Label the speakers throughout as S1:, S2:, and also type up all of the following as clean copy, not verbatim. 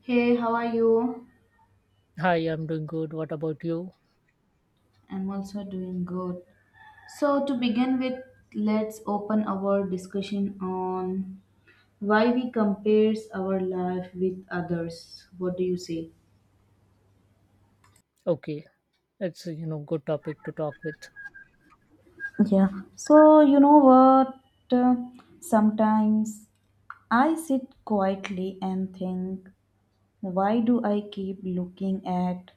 S1: Hey, how are you?
S2: Hi, I'm doing good. What about you?
S1: I'm also doing good. So, to begin with, let's open our discussion on why we compares our life with others. What do you say?
S2: Okay, it's a good topic to talk with.
S1: Yeah. So, you know what? Uh, sometimes I sit quietly and think, why do I keep looking at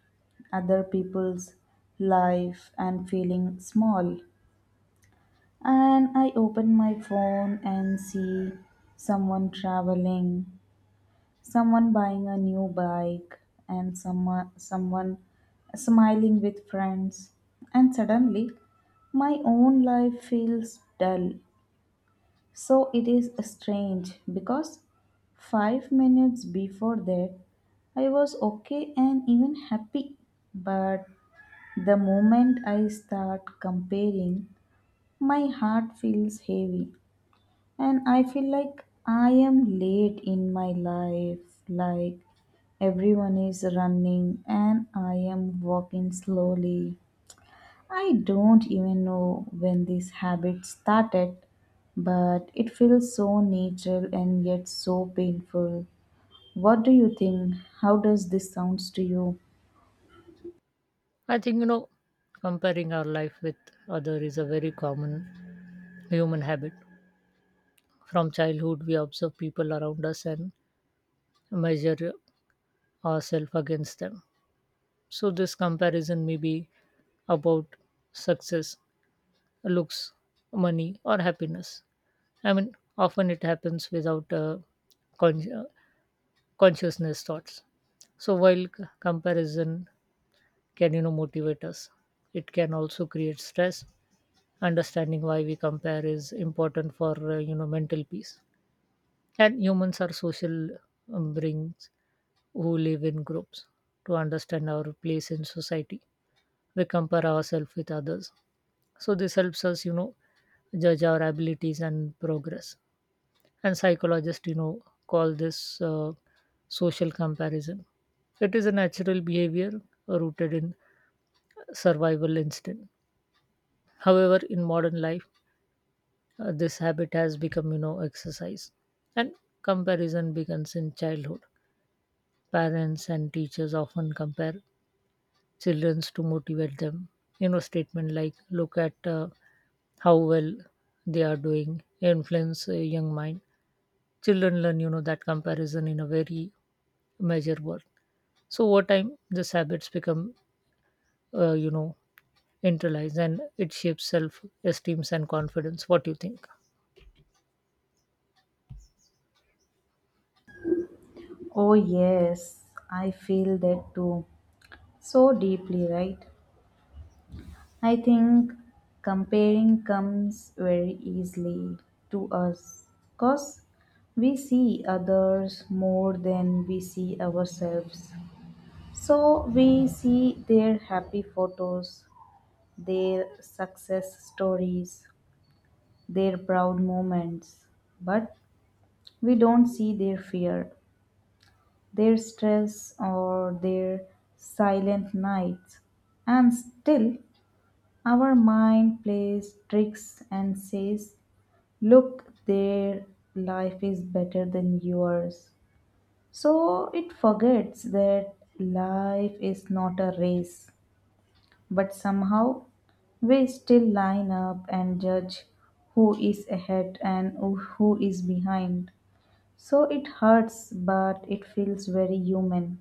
S1: other people's life and feeling small? And I open my phone and see someone traveling, someone buying a new bike, and someone smiling with friends. And suddenly, my own life feels dull. So it is strange because 5 minutes before that, I was okay and even happy. But the moment I start comparing, my heart feels heavy. And I feel like I am late in my life, like everyone is running and I am walking slowly. I don't even know when this habit started, but it feels so natural and yet so painful. What do you think? How does this sounds to you?
S2: I think comparing our life with other is a very common human habit. From childhood, we observe people around us and measure ourselves against them. So this comparison may be about success, looks, money, or happiness. I mean, often it happens without con- uh, consciousness thoughts. So while comparison can motivate us, it can also create stress. Understanding why we compare is important for mental peace. And humans are social beings who live in groups. To understand our place in society, we compare ourselves with others. So this helps us judge our abilities and progress. And psychologists call this social comparison. It is a natural behavior rooted in survival instinct. However, in modern life, this habit has become exercise. And comparison begins in childhood. Parents and teachers often compare children to motivate them. Statement like look at how well they are doing influence a young mind. Children learn that comparison in a very measurable. So over time these habits become uh, you know internalized, and it shapes self esteem and confidence. What do you think?
S1: Oh yes, I feel that too. So deeply, right? I think comparing comes very easily to us because we see others more than we see ourselves. So we see their happy photos, their success stories, their proud moments, but we don't see their fear, their stress, or their silent nights. And still, our mind plays tricks and says, look, their life is better than yours. So it forgets that life is not a race. But somehow we still line up and judge who is ahead and who is behind. So it hurts, but it feels very human.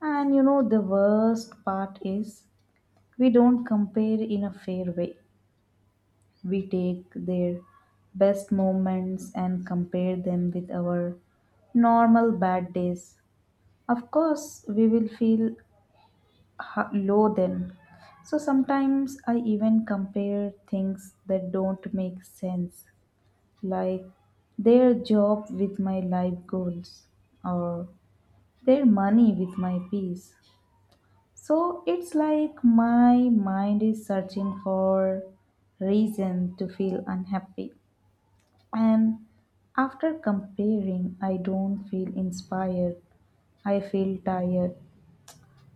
S1: And you know, the worst part is we don't compare in a fair way. We take their best moments and compare them with our normal bad days. Of course, we will feel low then. So sometimes I even compare things that don't make sense, like their job with my life goals or their money with my peace. So it's like my mind is searching for reason to feel unhappy. And after comparing, I don't feel inspired. I feel tired.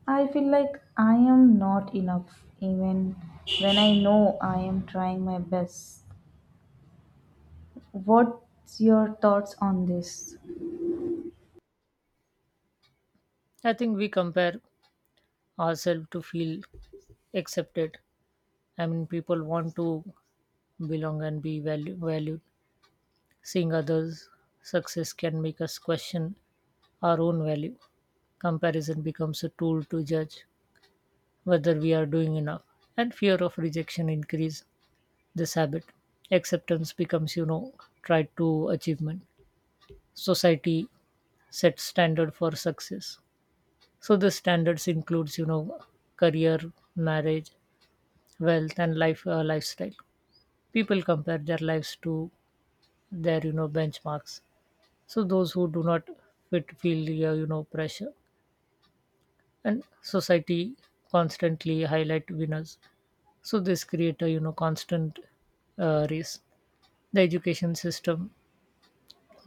S1: I feel like I am not enough, even when I know I am trying my best. What's your thoughts on this?
S2: I think we compare ourselves to feel accepted. I mean, people want to belong and be valued. Seeing others' success can make us question our own value. Comparison becomes a tool to judge whether we are doing enough, and fear of rejection increase this habit. Acceptance becomes tied to achievement. Society sets standard for success. So the standards includes career, marriage, wealth, and lifestyle. People compare their lives to their benchmarks. So those who do not fit feel pressure. And society constantly highlight winners. So this create a constant race. The education system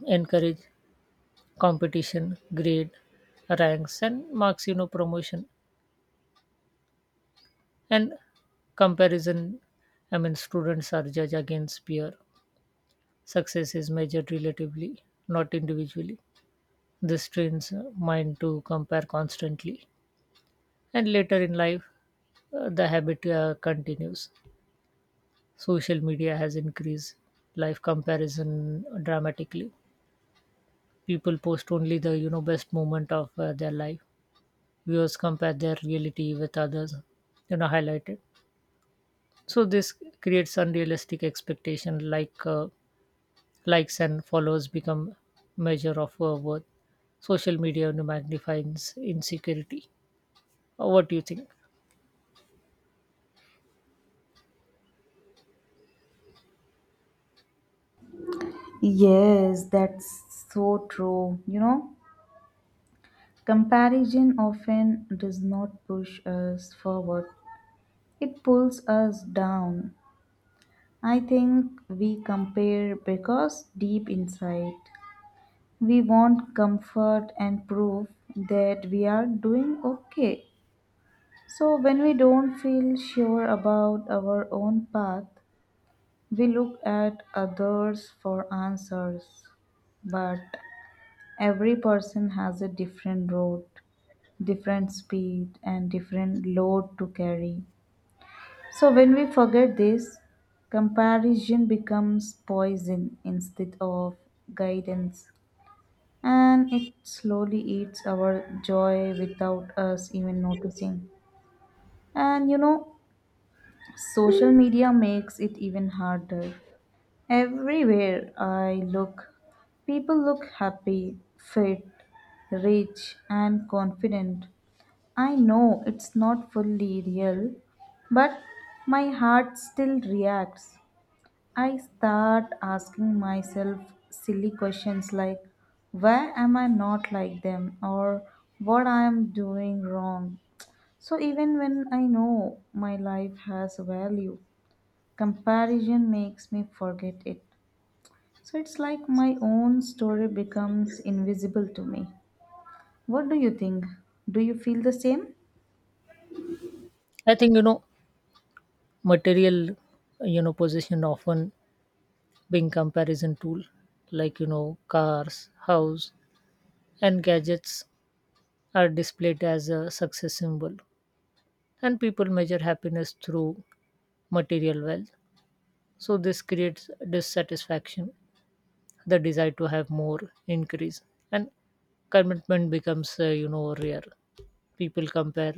S2: encourage competition, grade, ranks, and marks, promotion, and comparison. I mean, students are judged against peer. Success is measured relatively, not individually. This trains mind to compare constantly. And later in life, the habit continues. Social media has increased life comparison dramatically. People post only the best moment of their life. Viewers compare their reality with others highlighted. So this creates unrealistic expectation, like likes and followers become measure of worth. Social media magnifies insecurity. What do you think?
S1: Yes, that's so true. You know, comparison often does not push us forward, it pulls us down. I think we compare because deep inside we want comfort and proof that we are doing okay. So, when we don't feel sure about our own path, we look at others for answers. But every person has a different road, different speed, and different load to carry. So, when we forget this, comparison becomes poison instead of guidance. And it slowly eats our joy without us even noticing. And you know, social media makes it even harder. Everywhere I look, people look happy, fit, rich, and confident. I know it's not fully real, but my heart still reacts. I start asking myself silly questions like, why am I not like them? Or what I am doing wrong. So, even when I know my life has value, comparison makes me forget it. So, it's like my own story becomes invisible to me. What do you think? Do you feel the same?
S2: I think material possession often being comparison tool. Like cars, house, and gadgets are displayed as a success symbol. And people measure happiness through material wealth. So this creates dissatisfaction. The desire to have more increase. And commitment becomes rare. People compare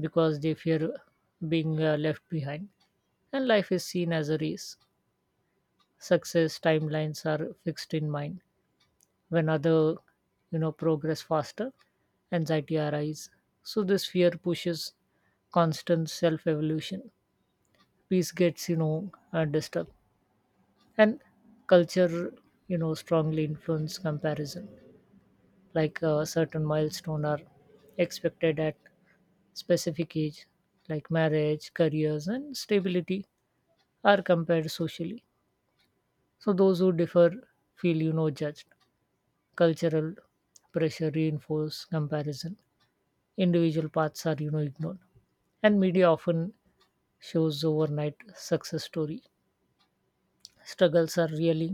S2: because they fear being left behind. And life is seen as a race. Success timelines are fixed in mind. When other progress faster, anxiety arises. So this fear pushes constant self evolution. Peace gets disturbed. And culture strongly influence comparison. Like a certain milestone are expected at specific age, like marriage, careers, and stability, are compared socially. So those who differ feel judged. Cultural pressure reinforce comparison. Individual paths are ignored. And media often shows overnight success story. Struggles are really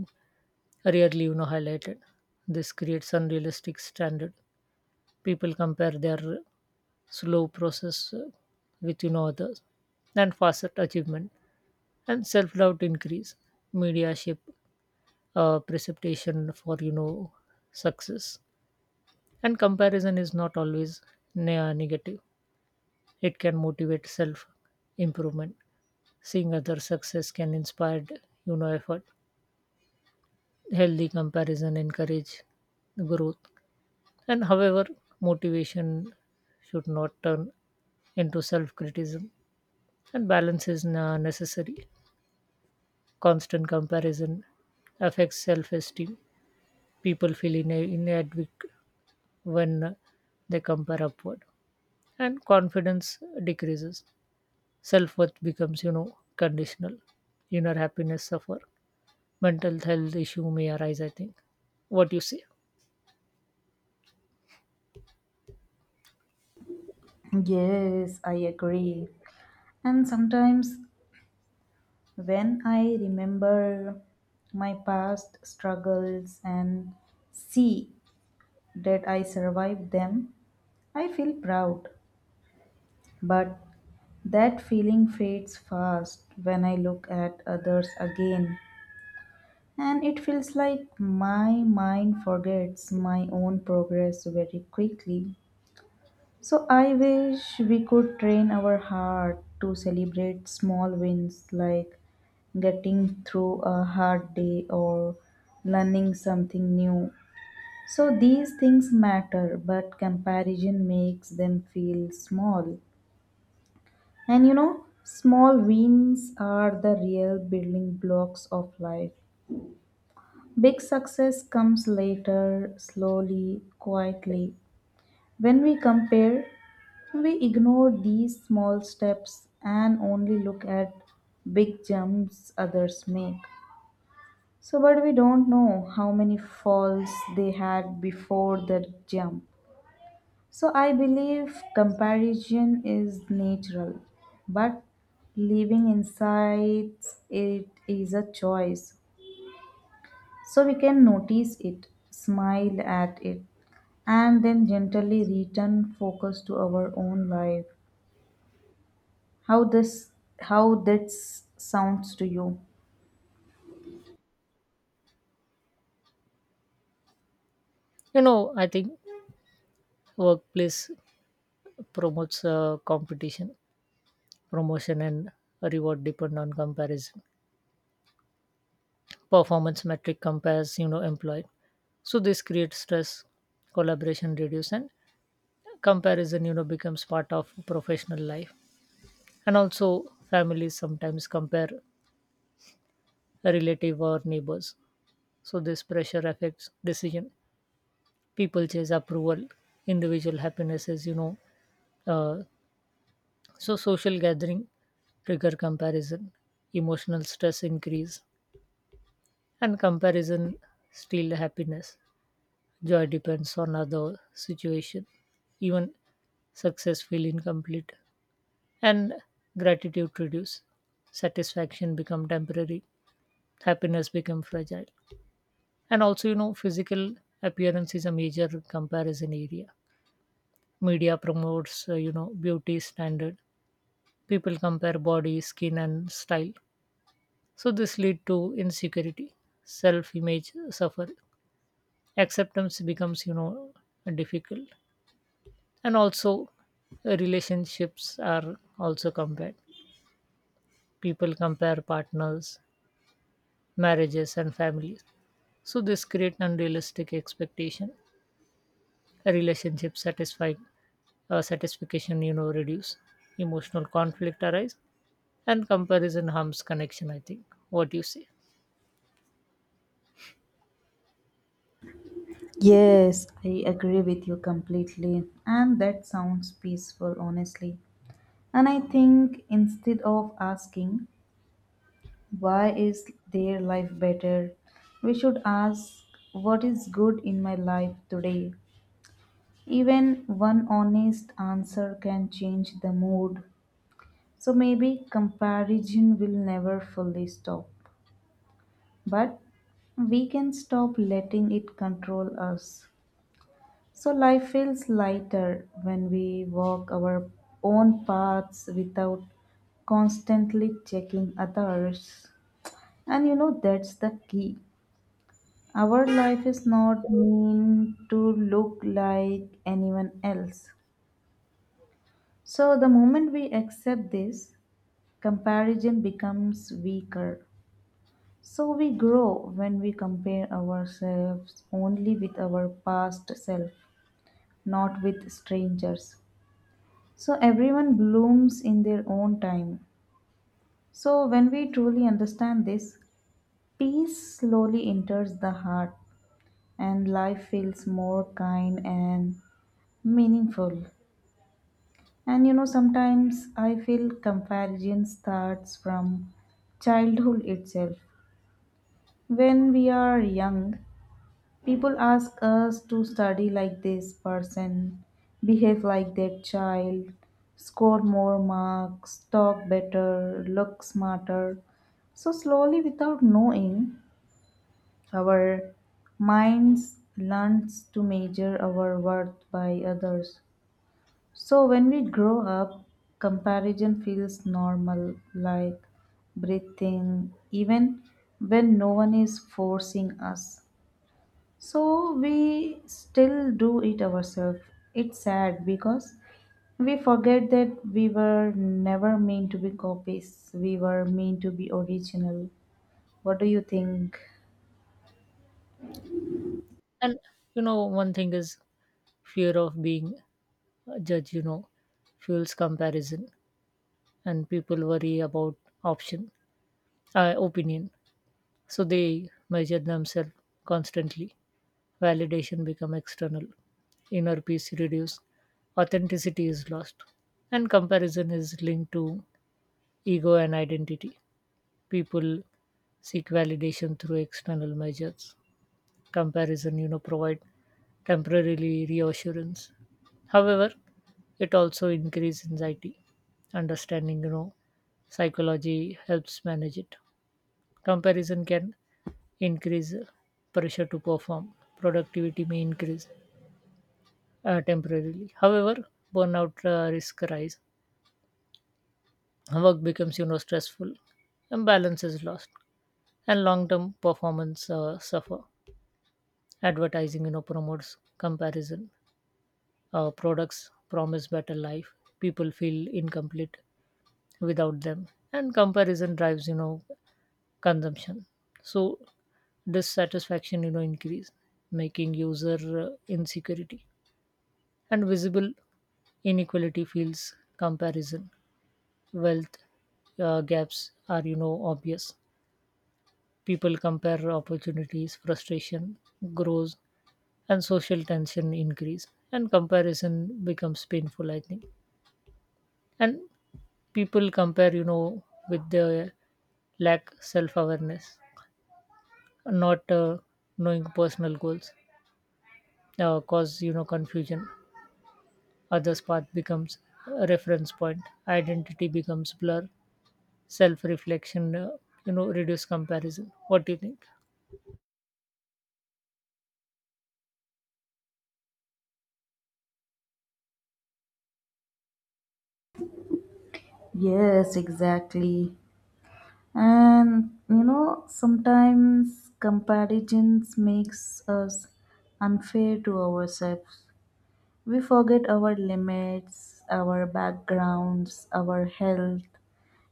S2: rarely highlighted. This creates unrealistic standard. People compare their slow process with others and faster achievement. And self-doubt increase. Media shape precipitation for success. And comparison is not always negative. It can motivate self improvement. Seeing other success can inspire effort. Healthy comparison encourage growth. And however, motivation should not turn into self criticism, and balance is necessary. Constant comparison affects self esteem. People feel inadequate when they compare upward, and confidence decreases. Self worth becomes conditional. Inner happiness suffer. Mental health issue may arise, I think. What you say?
S1: Yes, I agree. And sometimes when I remember my past struggles and see that I survived them, I feel proud. But that feeling fades fast when I look at others again. And it feels like my mind forgets my own progress very quickly. So I wish we could train our heart to celebrate small wins like getting through a hard day or learning something new. So these things matter, but comparison makes them feel small. And you know, small wins are the real building blocks of life. Big success comes later, slowly, quietly. When we compare, we ignore these small steps and only look at big jumps others make. So, but we don't know how many falls they had before the jump. So, I believe comparison is natural, but living inside it is a choice. So, we can notice it, smile at it, and then gently return focus to our own life. How this how that sounds to you?
S2: I think workplace promotes competition. Promotion and reward depend on comparison. Performance metric compares employee. So this creates stress. Collaboration reduce, and comparison becomes part of professional life. And also, families sometimes compare a relative or neighbors. So this pressure affects decision. People chase approval. Individual happiness is uh, so, social gathering trigger comparison, emotional stress increase, and comparison steal happiness. Joy depends on other situation. Even success feel incomplete, and gratitude reduce. Satisfaction become temporary. Happiness become fragile. And also physical appearance is a major comparison area. Media promotes beauty standard. People compare body, skin, and style. So this lead to insecurity. Self image suffer. Acceptance becomes difficult. And also, relationships are also compared. People compare partners, marriages, and families. So this create unrealistic expectation. A relationship satisfied satisfaction reduce. Emotional conflict arise, and comparison harms connection, I think. What do you say?
S1: Yes, I agree with you completely. And that sounds peaceful, honestly. And I think instead of asking why is their life better, we should ask what is good in my life today. Even one honest answer can change the mood. So maybe comparison will never fully stop, but we can stop letting it control us. So life feels lighter when we walk our own paths without constantly checking others. And you know, that's the key. Our life is not meant to look like anyone else. So the moment we accept this, comparison becomes weaker. So we grow when we compare ourselves only with our past self, not with strangers. So everyone blooms in their own time. So when we truly understand this, peace slowly enters the heart and life feels more kind and meaningful. And you know, sometimes I feel comparison starts from childhood itself. When we are young, people ask us to study like this person, behave like that child, score more marks, talk better, look smarter. So slowly, without knowing, our minds learns to measure our worth by others. So when we grow up, comparison feels normal, like breathing, even when no one is forcing us. So we still do it ourselves. It's sad because we forget that we were never meant to be copies. We were meant to be original. What do you think?
S2: And you know one thing is fear of being judge fuels comparison. And people worry about option opinion. So they measure themselves constantly. Validation become external. Inner peace reduced. Authenticity is lost. And comparison is linked to ego and identity. People seek validation through external measures. Comparison provide temporarily reassurance. However, it also increases anxiety. Understanding psychology helps manage it. Comparison can increase pressure to perform. Productivity may increase temporarily, however burnout risk rise. Work becomes stressful, and balance is lost, and long term performance suffer. Advertising promotes comparison. Products promise better life. People feel incomplete without them, and comparison drives consumption. So dissatisfaction increase, making user insecurity and visible inequality feels comparison. Wealth gaps are obvious. People compare opportunities, frustration grows, and social tension increase, and comparison becomes painful, I think. And people compare with the lack self awareness, not knowing personal goals cause confusion. Others path becomes a reference point. Identity becomes blur. Self reflection reduce comparison. What do you think?
S1: Yes, exactly. And you know, sometimes comparisons makes us unfair to ourselves. We forget our limits, our backgrounds, our health,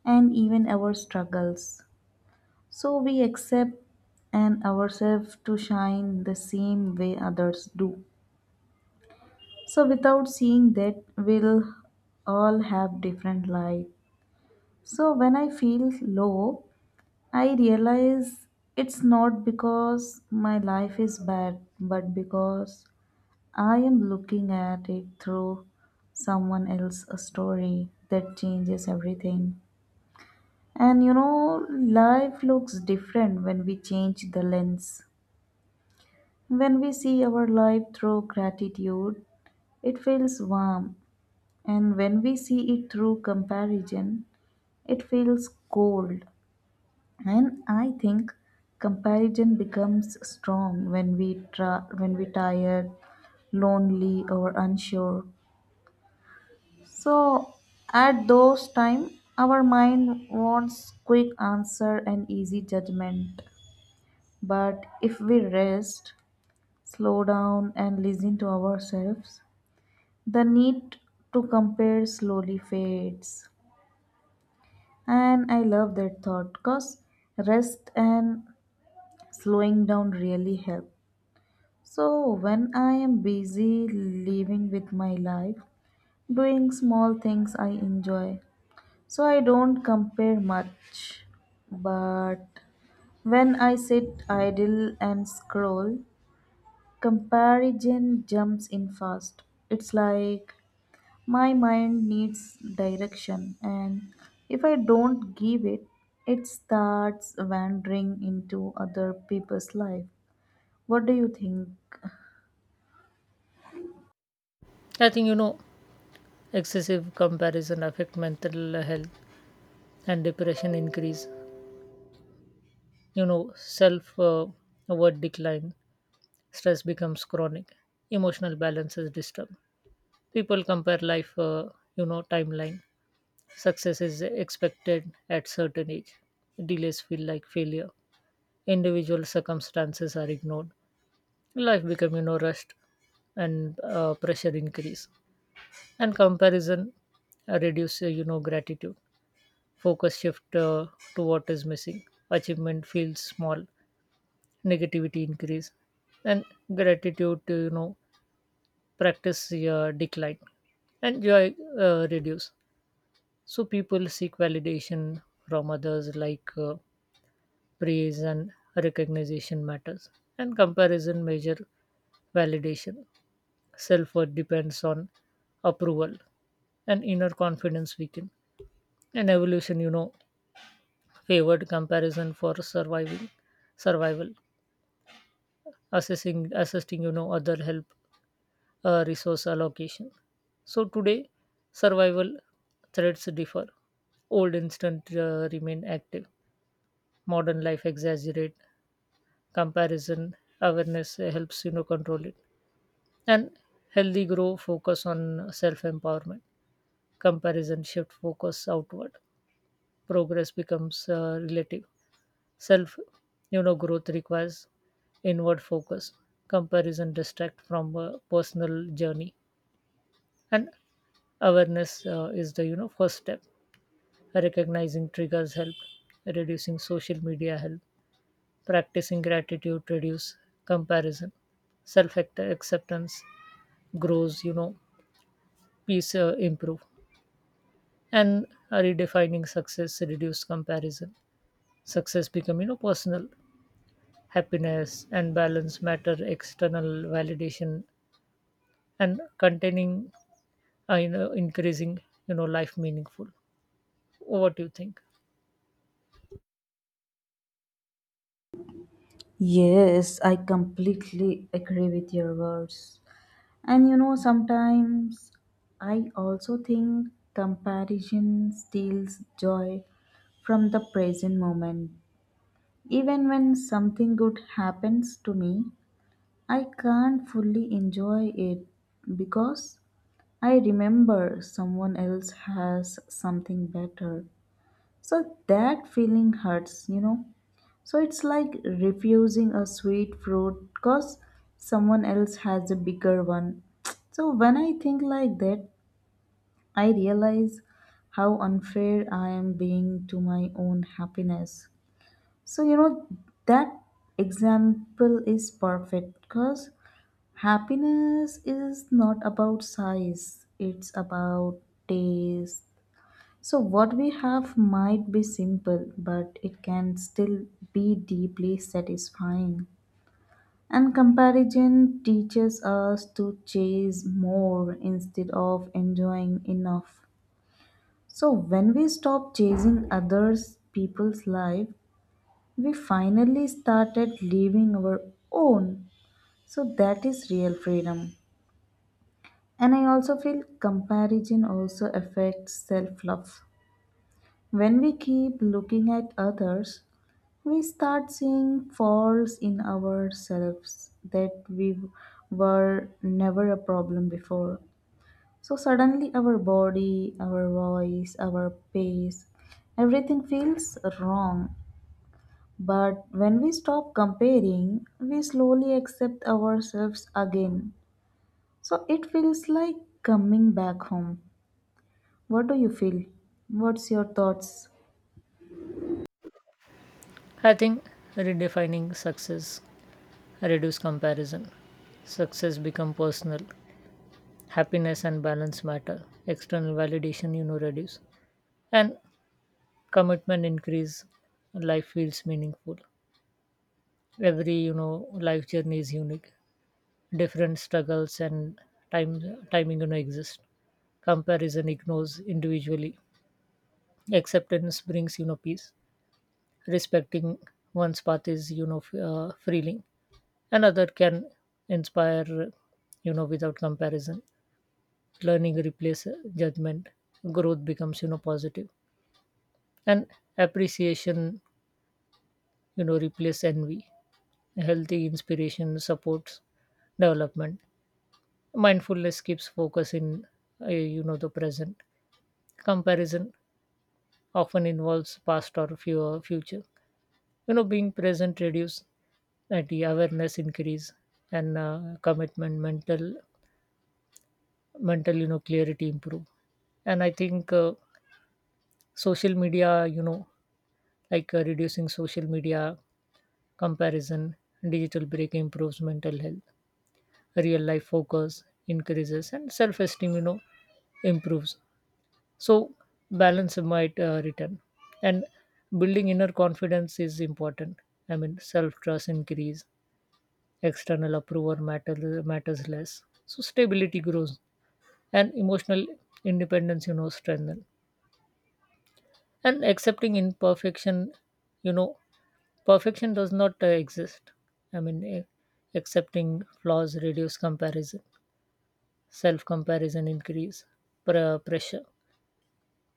S1: and even our struggles. So we accept and ourselves to shine the same way others do. So without seeing that, we'll all have different light. So when I feel low, I realize it's not because my life is bad, but because I am looking at it through someone else's story that changes everything. And you know, life looks different when we change the lens. When we see our life through gratitude, it feels warm, and when we see it through comparison, it feels cold. And I think comparison becomes strong when when we tired, lonely, or unsure. So at those time, our mind wants quick answer and easy judgment. But if we rest, slow down, and listen to ourselves, the need to compare slowly fades. And I love that thought because rest and slowing down really help. So when I am busy living with my life, doing small things I enjoy, so I don't compare much. But when I sit idle and scroll, comparison jumps in fast. It's like my mind needs direction, and if I don't give it, it starts wandering into other people's life. What do you think?
S2: I think excessive comparison affect mental health, and depression increase. Self worth decline. Stress becomes chronic. Emotional balance is disturbed. People compare life timeline. Success is expected at certain age. Delays feel like failure. Individual circumstances are ignored. Life become rushed, and pressure increase. And comparison reduce gratitude. Focus shift to what is missing. Achievement feels small. Negativity increase, and gratitude practice decline, and joy reduce. So people seek validation from others, like. Praise and recognition matters, and comparison measure validation. Self-worth depends on approval, and inner confidence weaken. And evolution favored comparison for surviving survival assessing assisting other help resource allocation. So today, survival threats differ. Old instinct remain active. Modern life exaggerate comparison. Awareness helps control it. And healthy grow focus on self empowerment. Comparison shift focus outward. Progress becomes relative. Self growth requires inward focus. Comparison distract from a personal journey, and awareness is the first step. Recognizing triggers help. Reducing social media help. Practicing gratitude reduce comparison. Self acceptance grows, peace improve. And redefining success reduce comparison. Success become personal happiness, and balance matter external validation, and containing increasing life meaningful. What do you think?
S1: Yes, I completely agree with your words. And you know, sometimes I also think comparison steals joy from the present moment. Even when something good happens to me, I can't fully enjoy it because I remember someone else has something better. So that feeling hurts, you know. So it's like refusing a sweet fruit because someone else has a bigger one. So when I think like that, I realize how unfair I am being to my own happiness. So, you know, that example is perfect because happiness is not about size, it's about taste. So, what we have might be simple, but it can still be deeply satisfying. And comparison teaches us to chase more instead of enjoying enough. So, when we stop chasing others' people's life, we finally started living our own. So, that is real freedom. And I also feel comparison also affects self love. When we keep looking at others, we start seeing faults in ourselves that we were never a problem before. So suddenly our body, our voice, our pace, everything feels wrong. But when we stop comparing, we slowly accept ourselves again. So it feels like coming back home. What do you feel? What's your thoughts?
S2: I think redefining success reduce comparison. Success become personal happiness, and balance matter external validation reduce, and commitment increase. Life feels meaningful. Every life journey is unique. Different struggles and time timing exist. Comparison ignores individually. Acceptance brings peace. Respecting one's path is freeing. Another can inspire without comparison. Learning replace judgment. Growth becomes positive. And appreciation replace envy. Healthy inspiration supports development. Mindfulness keeps focus in the present. Comparison often involves past or fewer future. Being present reduce, and the awareness increase, and commitment, mental clarity improve. And I think social media like reducing social media comparison, digital break improves mental health, real life focus increases, and self esteem improves. So balance might return, and building inner confidence is important. I mean, self trust increase, external approval matters less, so stability grows. And emotional independence strengthen. And accepting imperfection, you know perfection does not exist. I mean, accepting flaws reduce comparison. Self comparison increase pressure.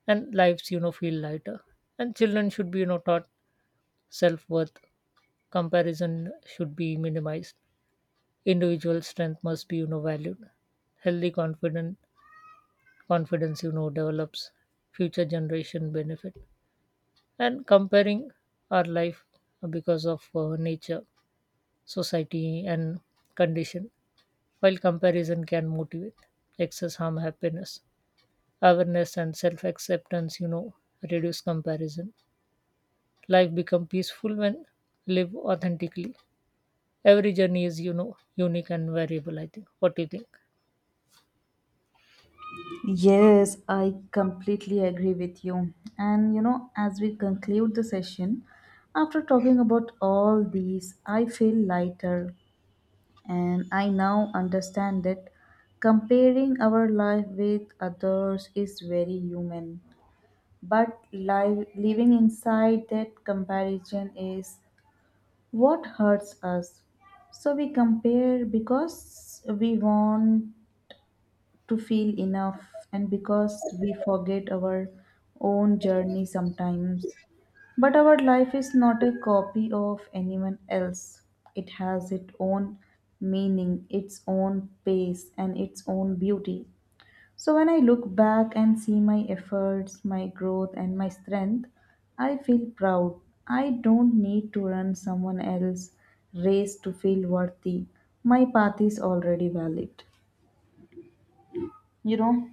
S2: And lives feel lighter. And children should be taught self worth. Comparison should be minimized. Individual strength must be valued. Healthy confident confidence develops. Future generation benefit. And comparing our life because of nature, society, and condition. While comparison can motivate, excess harm happiness. Awareness and self acceptance reduce comparison. Life become peaceful when live authentically. Every journey is unique and variable, I think. What do you think?
S1: Yes, I completely agree with you. And you know, as we conclude the session, after talking about all these, I feel lighter and I now understand that comparing our life with others is very human. But living inside that comparison is what hurts us. So we compare because we want to feel enough and because we forget our own journey sometimes. But our life is not a copy of anyone else. It has its own meaning, its own pace, and its own beauty. So when I look back and see my efforts, my growth, and my strength, I feel proud. I don't need to run someone else's race to feel worthy. My path is already valid. You know?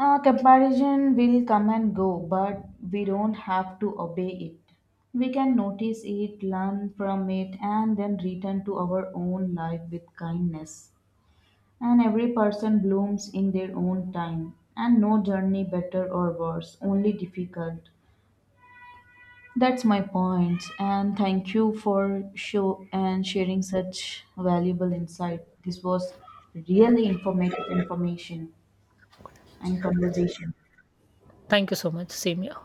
S1: Comparison will come and go, but we don't have to obey it. We can notice it, learn from it, and then return to our own life with kindness. And every person blooms in their own time, and no journey better or worse, only difficult. That's my point, and thank you for show and sharing such valuable insight. This was really informative information and conversation.
S2: Thank you so much. Same here.